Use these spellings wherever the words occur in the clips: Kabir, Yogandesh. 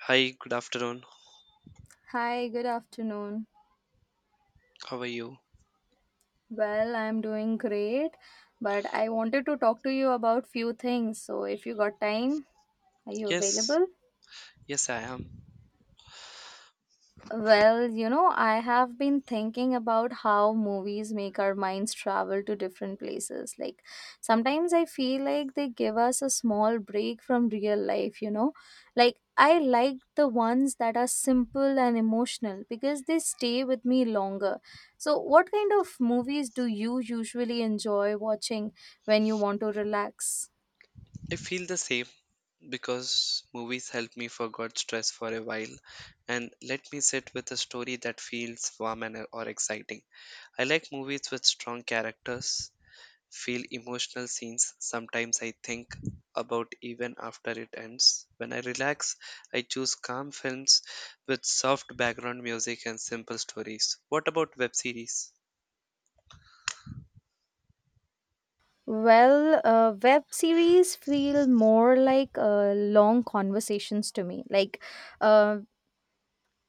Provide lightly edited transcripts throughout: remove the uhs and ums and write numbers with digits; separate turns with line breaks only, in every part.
Hi, good afternoon.
Hi, good afternoon.
How are you?
Well, I'm doing great, but I wanted to talk to you about few things. So if you got time, are you
Yes,
available?
yes, I am.
I have been thinking about how movies make our minds travel to different places. Like, sometimes I feel like they give us a small break from real life. Like, I like the ones that are simple and emotional because they stay with me longer. So, what kind of movies do you usually enjoy watching when you want to relax?
I feel the same because movies help me forget stress for a while and let me sit with a story that feels warm and or exciting. I like movies with strong characters, feel emotional scenes. Sometimes I think about even after it ends. When I relax, I choose calm films with soft background music and simple stories. What about web series?
Web series feel more like long conversations to me. Uh,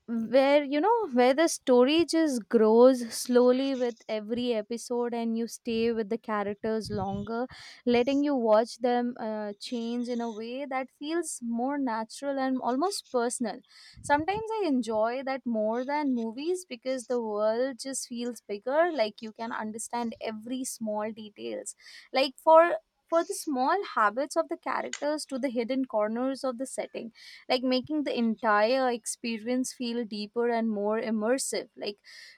where where the story just grows slowly with every episode and you stay with the characters longer, letting you watch them change in a way that feels more natural and almost personal. Sometimes I enjoy that more than movies because the world just feels bigger, like you can understand every small details, like for the small habits of the characters to the hidden corners of the setting, like making the entire experience feel deeper and more immersive. Like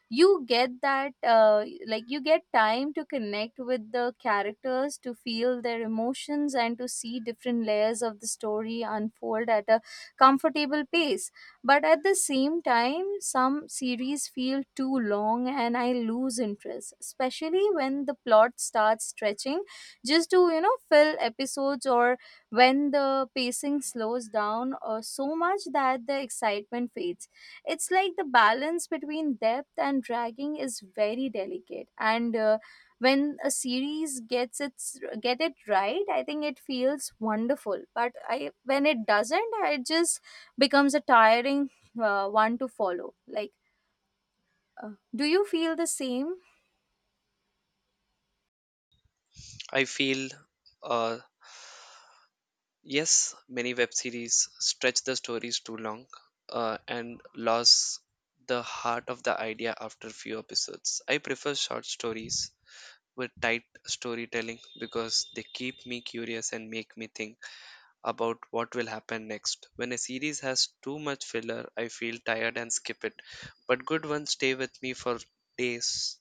you get that like you get time to connect with the characters, to feel their emotions and to see different layers of the story unfold at a comfortable pace. But at the same time some series feel too long and I lose interest, especially when the plot starts stretching just to fill episodes, or when the pacing slows down so much that the excitement fades. It's like the balance between depth and dragging is very delicate. And When a series gets its get it right, I think it feels wonderful. But I when it doesn't, it just becomes a tiring one to follow. Like, do you feel the same?
I feel uh, Yes, many web series stretch the stories too long, and lose the heart of the idea after few episodes. I prefer short stories with tight storytelling because they keep me curious and make me think about what will happen next. When a series has too much filler, I feel tired and skip it. But good ones stay with me for days.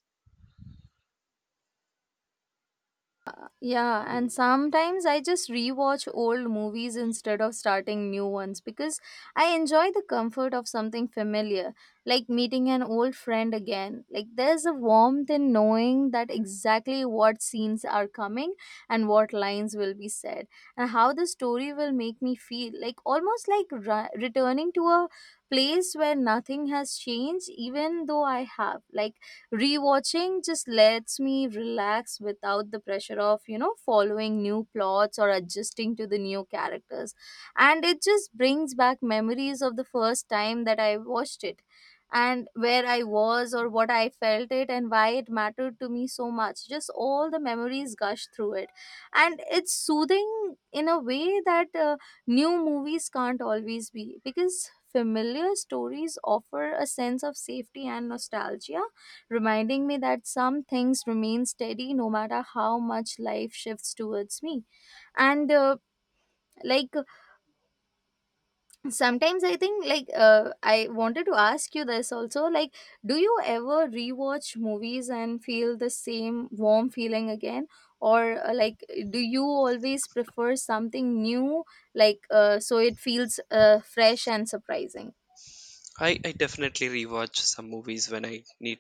Yeah, and sometimes I just rewatch old movies instead of starting new ones because I enjoy the comfort of something familiar, like meeting an old friend again. Like there's a warmth in knowing that exactly what scenes are coming and what lines will be said and how the story will make me feel. Like almost like returning to a place where nothing has changed even though I have. Like rewatching just lets me relax without the pressure of, following new plots or adjusting to the new characters. And it just brings back memories of the first time that I watched it and where I was or what I felt it and why it mattered to me so much. Just all the memories gush through it. And it's soothing in a way that new movies can't always be, because familiar stories offer a sense of safety and nostalgia, reminding me that some things remain steady no matter how much life shifts towards me. And like Sometimes I think, I wanted to ask you this also, like, do you ever rewatch movies and feel the same warm feeling again? Or like, do you always prefer something new, so it feels fresh and surprising?
I definitely rewatch some movies when I need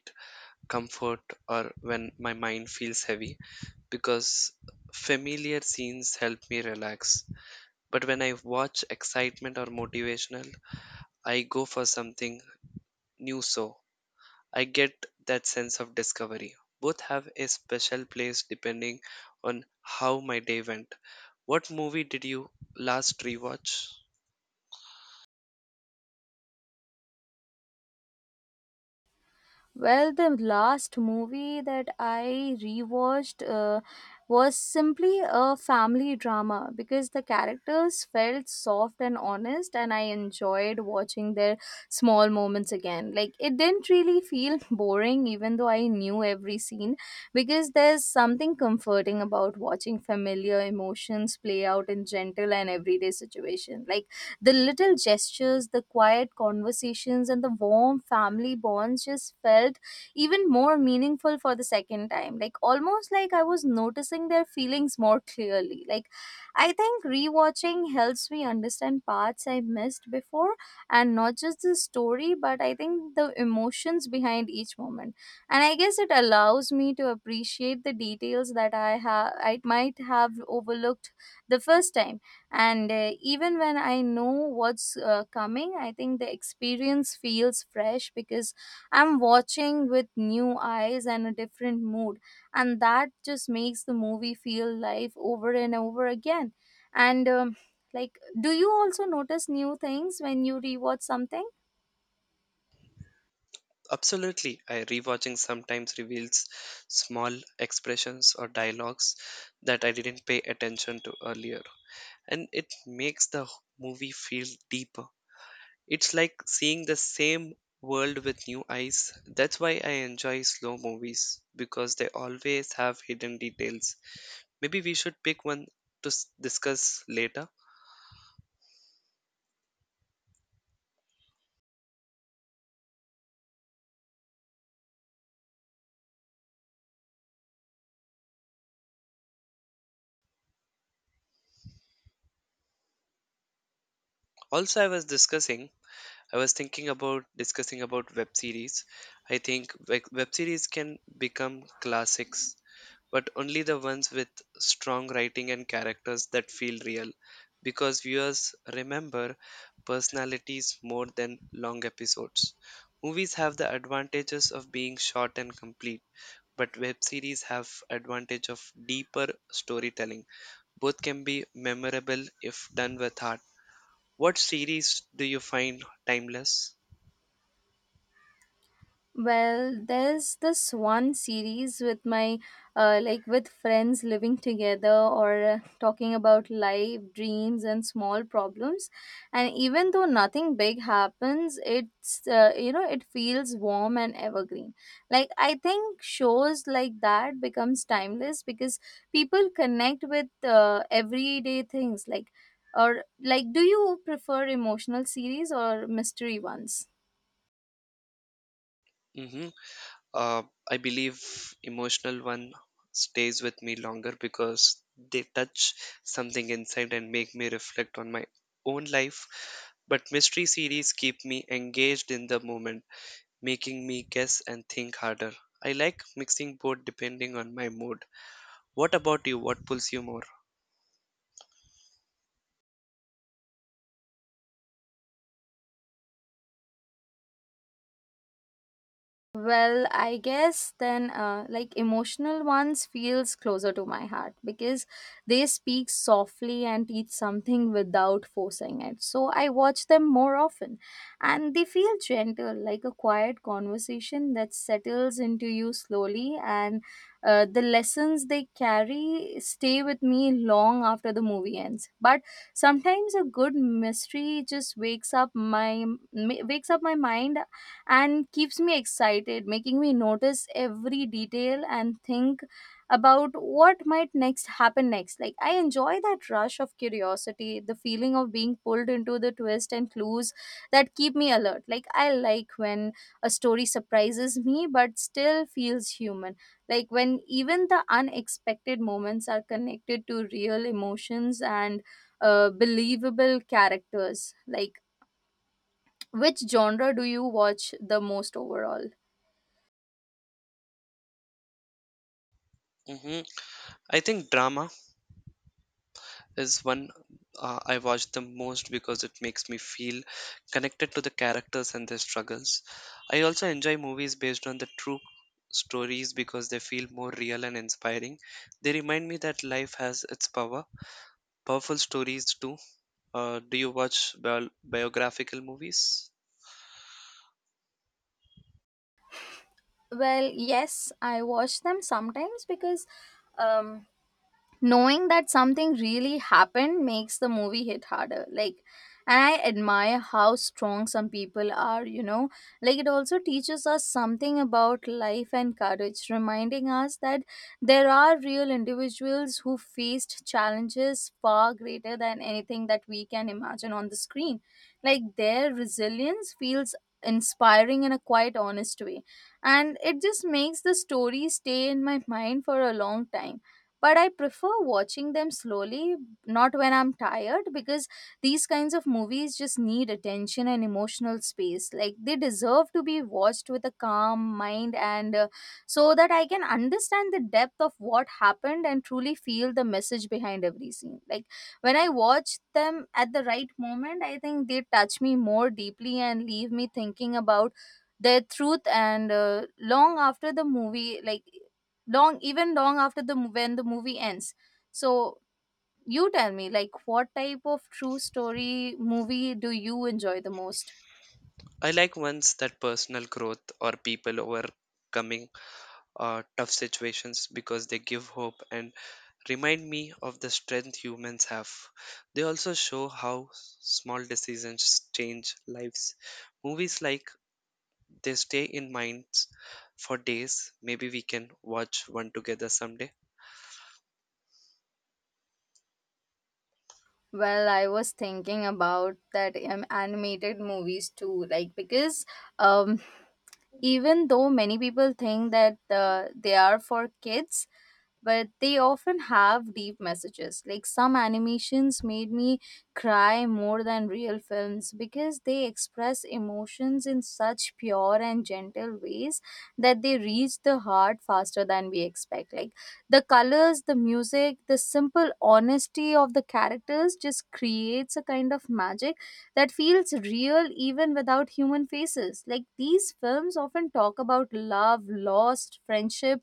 comfort or when my mind feels heavy, because familiar scenes help me relax. But when I watch excitement or motivational, I go for something new, so I get that sense of discovery. Both have a special place depending on how my day went. What movie did you last rewatch?
Well, the last movie that I rewatched was simply a family drama because the characters felt soft and honest, and I enjoyed watching their small moments again. Like, it didn't really feel boring, even though I knew every scene, because there's something comforting about watching familiar emotions play out in gentle and everyday situations. Like, the little gestures, the quiet conversations, and the warm family bonds just felt even more meaningful for the second time. Like almost like I was noticing their feelings more clearly. Like I think rewatching helps me understand parts I missed before, and not just the story, but I think the emotions behind each moment. And I guess it allows me to appreciate the details that I might have overlooked the first time. And Even when I know what's coming, I think the experience feels fresh because I'm watching with new eyes and a different mood, and that just makes the movie feel live over and over again. And like Do you also notice new things when you rewatch something?
Absolutely. I Rewatching sometimes reveals small expressions or dialogues that I didn't pay attention to earlier. And it makes the movie feel deeper. It's like seeing the same world with new eyes. That's why I enjoy slow movies because they always have hidden details. Maybe we should pick one to discuss later. Also, I was thinking about discussing about web series. I think web series can become classics, but only the ones with strong writing and characters that feel real, because viewers remember personalities more than long episodes. Movies have the advantages of being short and complete, but web series have advantage of deeper storytelling. Both can be memorable if done with heart. What series do you find timeless?
Well, there's this one series with my like with friends living together, or talking about life, dreams, and small problems. And even though nothing big happens, it's it feels warm and evergreen. Like I think shows like that becomes timeless because people connect with everyday things. Like, or like, do you prefer emotional series or mystery ones?
Mhm. uh, I believe emotional one stays with me longer because they touch something inside and make me reflect on my own life. But mystery series keep me engaged in the moment, making me guess and think harder. I like mixing both depending on my mood. What about you? What pulls you more?
Well, I guess then, like emotional ones feels closer to my heart because they speak softly and teach something without forcing it. So I watch them more often, and they feel gentle, like a quiet conversation that settles into you slowly. And the lessons they carry stay with me long after the movie ends. But sometimes a good mystery just wakes up my mind and keeps me excited, making me notice every detail and think about what might next happen next. Like I enjoy that rush of curiosity, the feeling of being pulled into the twist and clues that keep me alert. Like I like when a story surprises me but still feels human. Like when even the unexpected moments are connected to real emotions and believable characters. Like, which genre do you watch the most overall?
hmm I think drama is one, I watch the most because it makes me feel connected to the characters and their struggles. I also enjoy movies based on the true stories because they feel more real and inspiring. They remind me that life has its power. Powerful stories too. Do you watch biographical movies?
Well, yes, I watch them sometimes because um, knowing that something really happened makes the movie hit harder. Like, and I admire how strong some people are. Like it also teaches us something about life and courage, reminding us that there are real individuals who faced challenges far greater than anything that we can imagine on the screen. Like their resilience feels inspiring in a quite honest way, and it just makes the story stay in my mind for a long time. But I prefer watching them slowly, not when I'm tired, because these kinds of movies just need attention and emotional space. Like they deserve to be watched with a calm mind, and so that I can understand the depth of what happened and truly feel the message behind every scene. Like when I watch them at the right moment, I think they touch me more deeply and leave me thinking about their truth, and long after the movie, like, long after when the movie ends. So you tell me, like, what type of true story movie do you enjoy the most?
I like ones that personal growth or people overcoming tough situations because they give hope and remind me of the strength humans have. They also show how small decisions change lives. Movies like they stay in minds for days. Maybe we can watch one together someday.
Well, I was thinking about that animated movies too, like, because um, even though many people think that they are for kids, but they often have deep messages. Like some animations made me cry more than real films because they express emotions in such pure and gentle ways that they reach the heart faster than we expect. Like the colors, the music, the simple honesty of the characters just creates a kind of magic that feels real even without human faces. Like these films often talk about love, lost, friendship,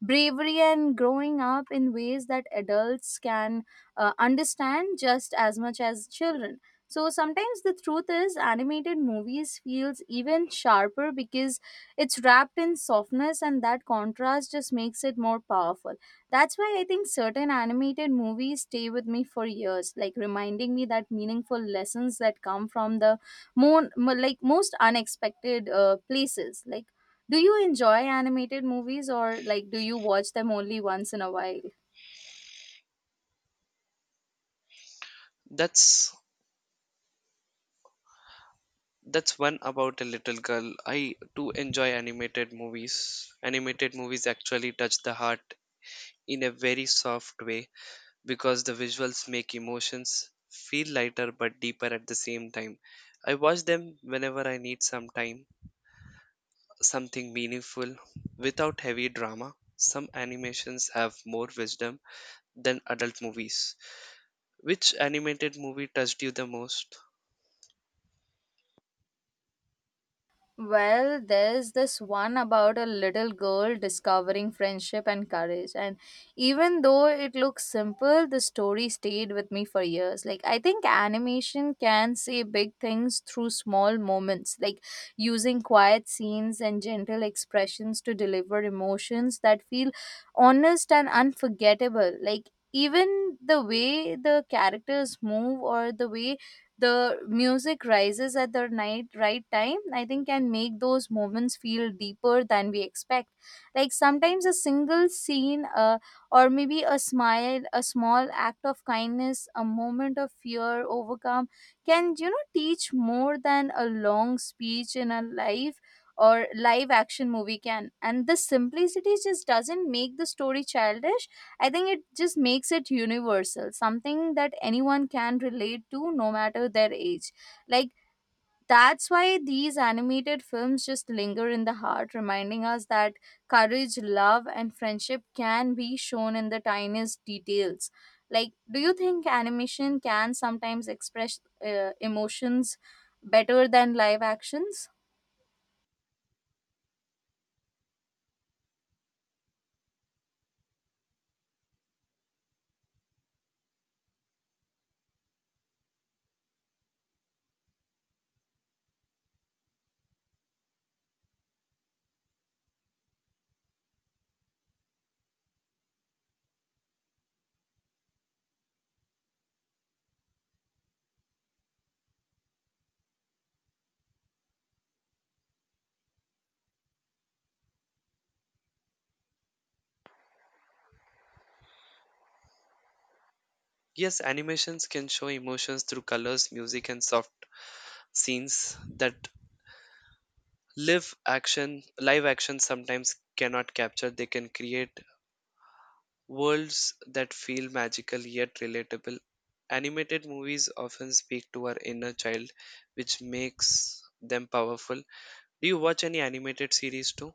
bravery, and growing up in ways that adults can understand just as much as children. So sometimes the truth is animated movies feels even sharper because it's wrapped in softness, and that contrast just makes it more powerful. That's why I think certain animated movies stay with me for years, like reminding me that meaningful lessons that come from the more like most unexpected places. Like, do you enjoy animated movies, or like do you watch them only once in a while?
That's that's one about a little girl. I do enjoy animated movies. Animated movies actually touch the heart in a very soft way because the visuals make emotions feel lighter but deeper at the same time. I watch them whenever I need some time, something meaningful without heavy drama. Some animations have more wisdom than adult movies. Which animated movie touched you the most?
Well, there's this one about a little girl discovering friendship and courage. And even though it looks simple, the story stayed with me for years. Like, I think animation can say big things through small moments, like using quiet scenes and gentle expressions to deliver emotions that feel honest and unforgettable. Like, even the way the characters move, or the way the music rises at the night right time, I think, can make those moments feel deeper than we expect. Like sometimes a single scene, or maybe a smile, a small act of kindness, a moment of fear overcome, can, teach more than a long speech in a life or live action movie can. And the simplicity just doesn't make the story childish. I think it just makes it universal, something that anyone can relate to no matter their age. Like, that's why these animated films just linger in the heart, reminding us that courage, love, and friendship can be shown in the tiniest details. Like, do you think animation can sometimes express emotions better than live actions?
Yes, animations can show emotions through colors, music, and soft scenes that live action sometimes cannot capture. They can create worlds that feel magical yet relatable. Animated movies often speak to our inner child, which makes them powerful. Do you watch any animated series too?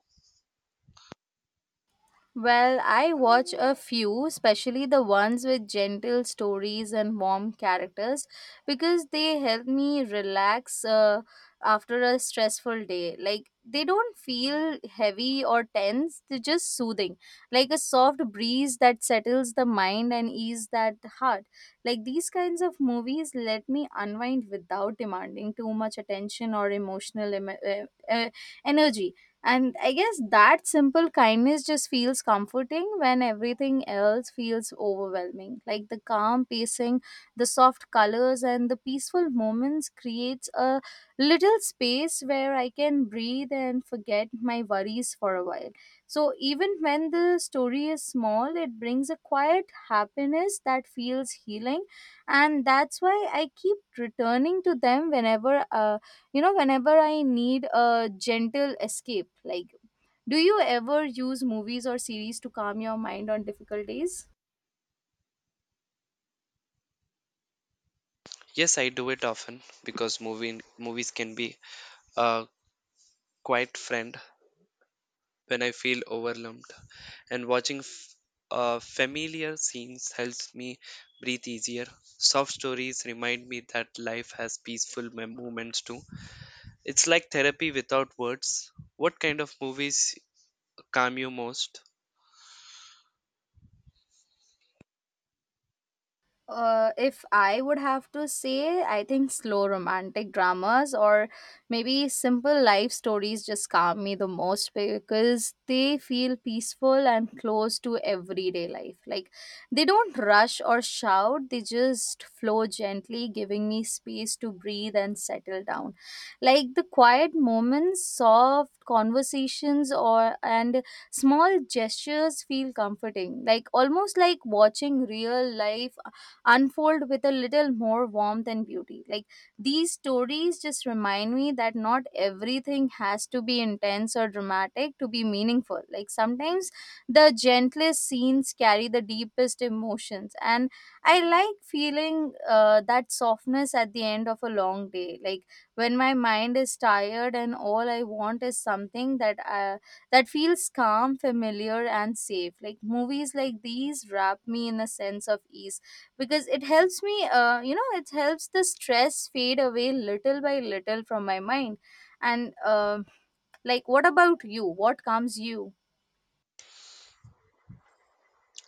Well, I watch a few, especially the ones with gentle stories and warm characters, because they help me relax after a stressful day. Like, they don't feel heavy or tense, they're just soothing, like a soft breeze that settles the mind and ease that heart. Like, these kinds of movies let me unwind without demanding too much attention or emotional uh, energy, and I guess that simple kindness just feels comforting when everything else feels overwhelming. Like the calm pacing, the soft colors, and the peaceful moments creates a little space where I can breathe and forget my worries for a while. So even when the story is small, it brings a quiet happiness that feels healing, and that's why I keep returning to them whenever. Whenever I need a gentle escape, like, do you ever use movies or series to calm your mind on difficult days?
Yes, I do it often because movies can be a quiet friend when I feel overwhelmed, and watching familiar scenes helps me breathe easier. Soft stories remind me that life has peaceful moments too. It's like therapy without words. What kind of movies calm you most?
If I would have to say, I think slow romantic dramas or maybe simple life stories just calm me the most because they feel peaceful and close to everyday life. Like they don't rush or shout, they just flow gently, giving me space to breathe and settle down. Like the quiet moments, soft conversations, or and small gestures feel comforting, like almost like watching real life unfold with a little more warmth and beauty. Like these stories just remind me that not everything has to be intense or dramatic to be meaningful. Like sometimes the gentlest scenes carry the deepest emotions, and I like feeling that softness at the end of a long day. Like when my mind is tired and all I want is something that that feels calm, familiar, and safe. Like movies like these wrap me in a sense of ease because it helps me. It helps the stress fade away little by little from my mind and like what about you, what calms you?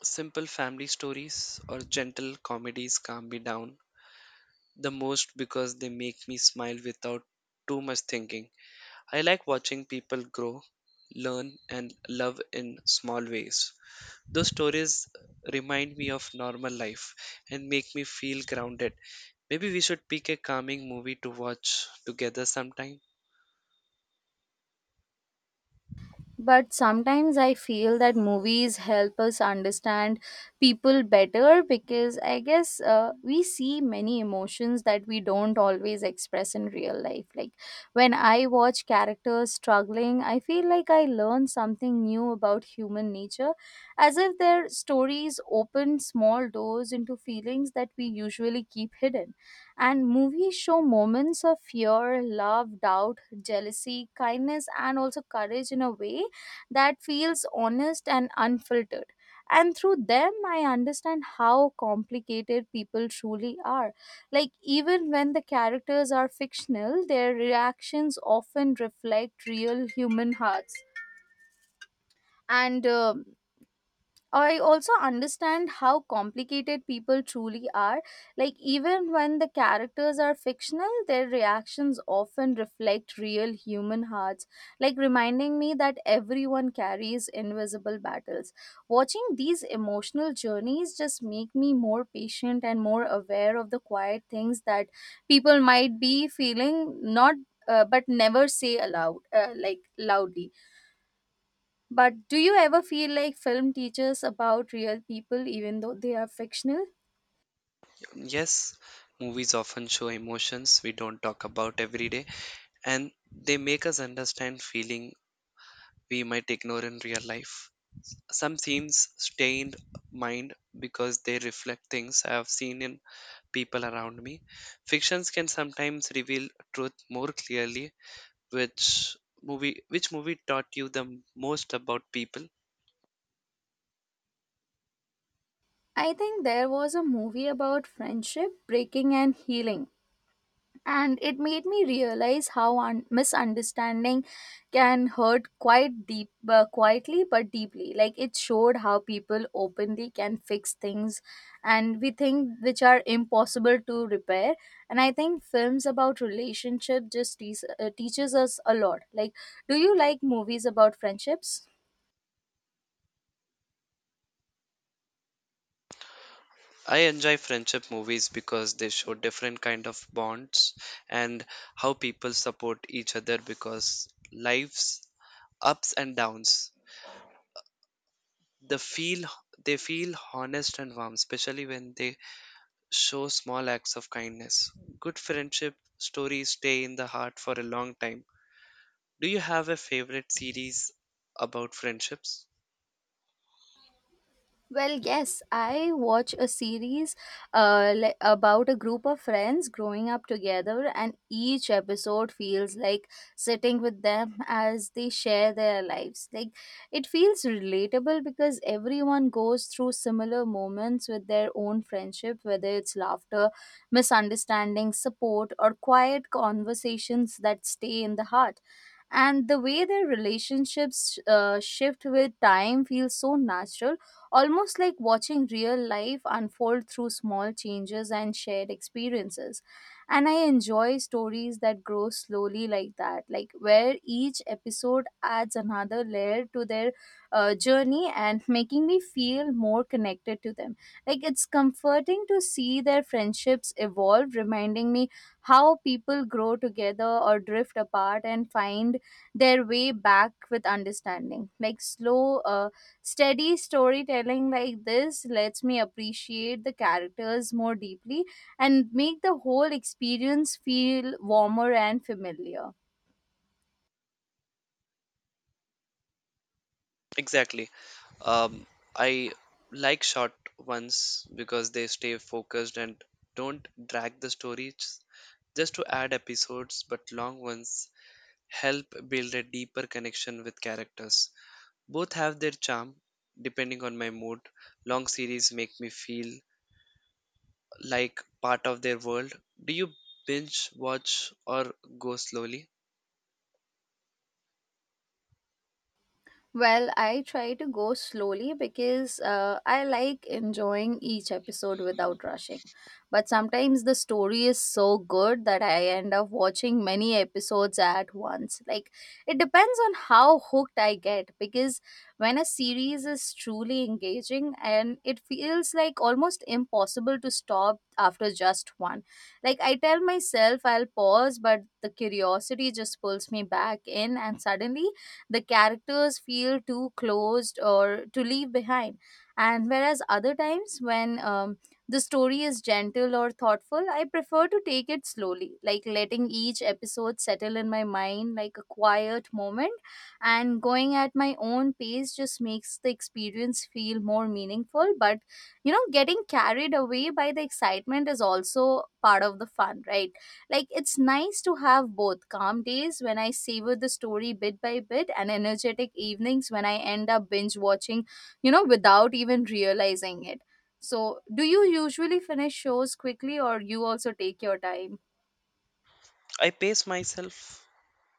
Simple family stories or gentle comedies calm me down the most because they make me smile without too much thinking. I like watching people grow, learn, and love in small ways. Those stories remind me of normal life and make me feel grounded. Maybe we should pick a calming movie to watch together sometime.
But sometimes I feel that movies help us understand people better because I guess we see many emotions that we don't always express in real life. Like when I watch characters struggling, I feel like I learn something new about human nature, as if their stories open small doors into feelings that we usually keep hidden. And movies show moments of fear, love, doubt, jealousy, kindness, and also courage in a way that feels honest and unfiltered. And through them, I understand how complicated people truly are. Like, even when the characters are fictional, their reactions often reflect real human hearts. And I also understand how complicated people truly are. Like, even when the characters are fictional, their reactions often reflect real human hearts, like reminding me that everyone carries invisible battles. Watching these emotional journeys just make me more patient and more aware of the quiet things that people might be feeling, not but never say aloud, like loudly. But do you ever feel like film teaches about real people even though they are fictional?
Yes, movies often show emotions we don't talk about every day, and they make us understand feeling we might ignore in real life. Some scenes stay in mind because they reflect things I have seen in people around me. Fictions can sometimes reveal truth more clearly. Which movie which movie taught you the most about people?
I think there was a movie about friendship, breaking, and healing, and it made me realize how misunderstanding can hurt quite deep, quietly but deeply. Like it showed how people openly can fix things and we think which are impossible to repair. And I think films about relationship just teaches us a lot. Like, do you like movies about friendships?
I enjoy friendship movies because they show different kind of bonds and how people support each other because life's ups and downs, the feel they feel honest and warm, especially when they show small acts of kindness. Good friendship stories stay in the heart for a long time. Do you have a favorite series about friendships?
Well, yes, I watch a series about a group of friends growing up together, and each episode feels like sitting with them as they share their lives. Like, it feels relatable because everyone goes through similar moments with their own friendship, whether it's laughter, misunderstandings, support, or quiet conversations that stay in the heart. And the way their relationships shift with time feels so natural, almost like watching real life unfold through small changes and shared experiences. And I enjoy stories that grow slowly like that, like where each episode adds another layer to their journey and making me feel more connected to them. Like it's comforting to see their friendships evolve, reminding me how people grow together or drift apart and find their way back with understanding. Like slow, steady storytelling like this lets me appreciate the characters more deeply and make the whole experience feel warmer and familiar.
Exactly. Um, I like short ones because they stay focused and don't drag the story just to add episodes, but long ones help build a deeper connection with characters. Both have their charm depending on my mood. Long series make me feel like part of their world. Do you binge watch or go slowly?
Well, I try to go slowly because I like enjoying each episode without rushing. But sometimes the story is so good that I end up watching many episodes at once. Like, it depends on how hooked I get because when a series is truly engaging and it feels like almost impossible to stop after just one. Like, I tell myself I'll pause, but the curiosity just pulls me back in, and suddenly the characters feel too closed or to leave behind. And whereas other times when the story is gentle or thoughtful, I prefer to take it slowly, like letting each episode settle in my mind like a quiet moment. And going at my own pace just makes the experience feel more meaningful. But, you know, getting carried away by the excitement is also part of the fun, right? Like it's nice to have both calm days when I savor the story bit by bit and energetic evenings when I end up binge watching, you know, without even realizing it. So, do you usually finish shows quickly or you also take your time?
I pace myself,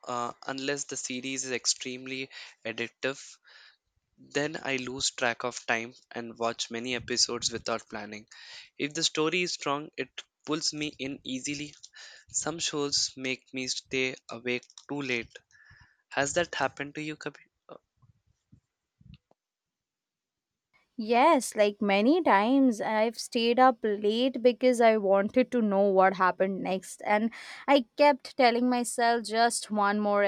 unless the series is extremely addictive. Then I lose track of time and watch many episodes without planning. If the story is strong, it pulls me in easily. Some shows make me stay awake too late. Has that happened to you, Kabir?
Yes, like many times I've stayed up late because I wanted to know what happened next, and I kept telling myself just one more,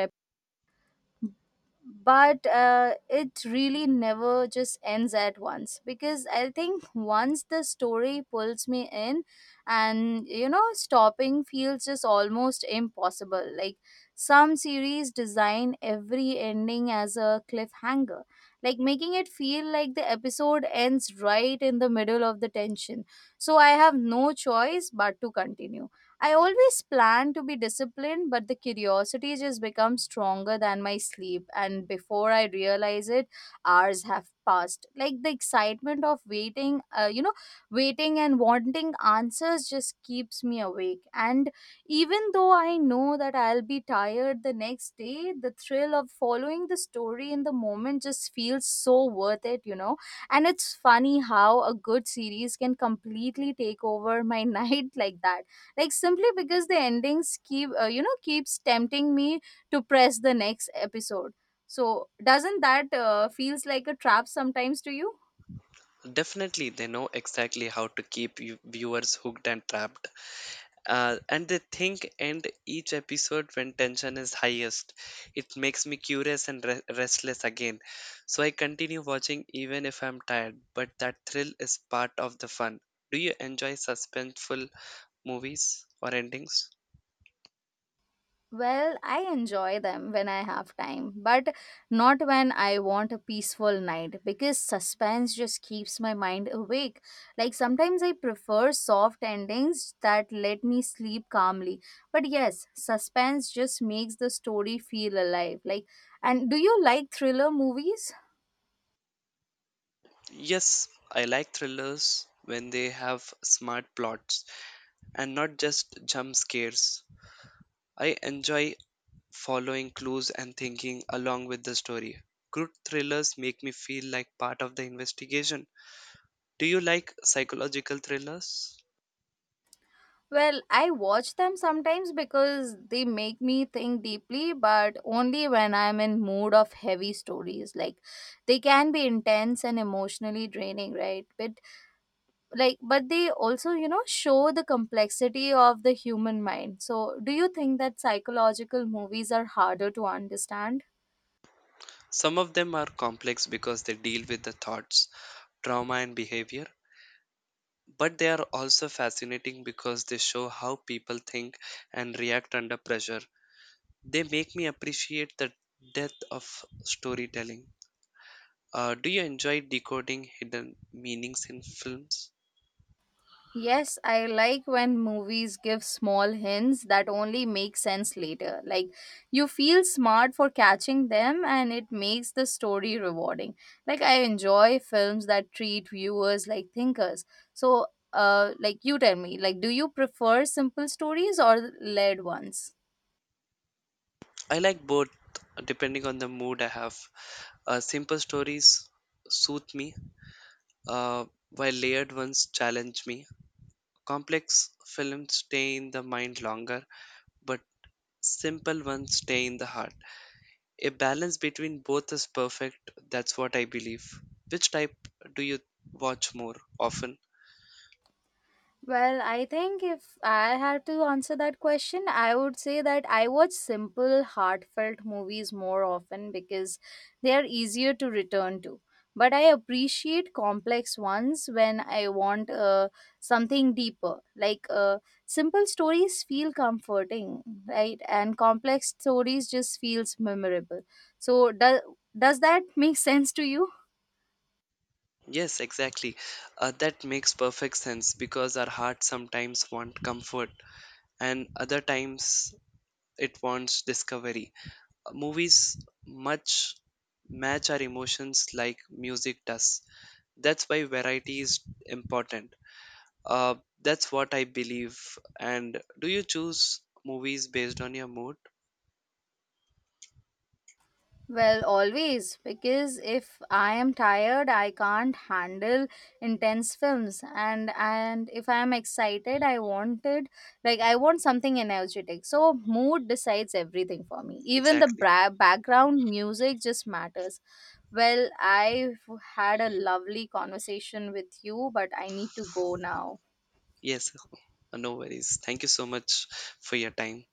but it really never just ends at once because I think once the story pulls me in and you know stopping feels just almost impossible. Like some series design every ending as a cliffhanger, like making it feel like the episode ends right in the middle of the tension, so I have no choice but to continue. I always plan to be disciplined, but the curiosity just becomes stronger than my sleep. And before I realize it, hours have passed. Like the excitement of waiting, waiting and wanting answers just keeps me awake. And even though I know that I'll be tired the next day, the thrill of following the story in the moment just feels so worth it, you know. And it's funny how a good series can completely take over my night like that, like simply because the endings keep keeps tempting me to press the next episode. So doesn't that feels like a trap sometimes to you?
Definitely, they know exactly how to keep you viewers hooked and trapped. And they think end each episode when tension is highest. It makes me curious and restless again, so I continue watching even if I'm tired, but that thrill is part of the fun. Do you enjoy suspenseful movies or endings?
Well, I enjoy them when I have time but not when I want a peaceful night because suspense just keeps my mind awake. Like sometimes I prefer soft endings that let me sleep calmly, but yes, suspense just makes the story feel alive. Like, and do you like thriller movies?
Yes, I like thrillers when they have smart plots and not just jump scares. I enjoy following clues and thinking along with the story. Good thrillers make me feel like part of the investigation. Do you like psychological thrillers?
Well, I watch them sometimes because they make me think deeply, but only when I'm in mood of heavy stories. Like they can be intense and emotionally draining, right? But like but they also, you know, show the complexity of the human mind. So, do you think that psychological movies are harder to understand?
Some of them are complex because they deal with the thoughts, trauma, and behavior, but they are also fascinating because they show how people think and react under pressure. They make me appreciate the depth of storytelling. Do you enjoy decoding hidden meanings in films?
Yes, I like when movies give small hints that only make sense later. Like, you feel smart for catching them, and it makes the story rewarding. Like, I enjoy films that treat viewers like thinkers. So, like, you tell me, like, do you prefer simple stories or layered ones?
I like both, depending on the mood I have. Simple stories soothe me, uh, while layered ones challenge me. Complex films stay in the mind longer, but simple ones stay in the heart. A balance between both is perfect, that's what I believe. Which type do you watch more often?
Well, I think if I had to answer that question, I would say that I watch simple, heartfelt movies more often because they are easier to return to. But I appreciate complex ones when I want something deeper. Like simple stories feel comforting, right? And complex stories just feels memorable. So does that make sense to you?
Yes, exactly. That makes perfect sense because our heart sometimes want comfort and other times it wants discovery. Movies much match our emotions like music does. That's why variety is important. Uh, that's what I believe. And do you choose movies based on your mood?
Well, always, because if I am tired, I can't handle intense films, and if I am excited, I wanted like I want something energetic. So mood decides everything for me. Even the
Exactly.
background music just matters. Well, I've had a lovely conversation with you, but I need to go now.
Yes, no worries. Thank you so much for your time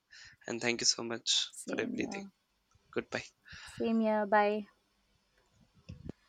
and thank you so much for
Same
everything.
here.
Goodbye.
Same here. Bye.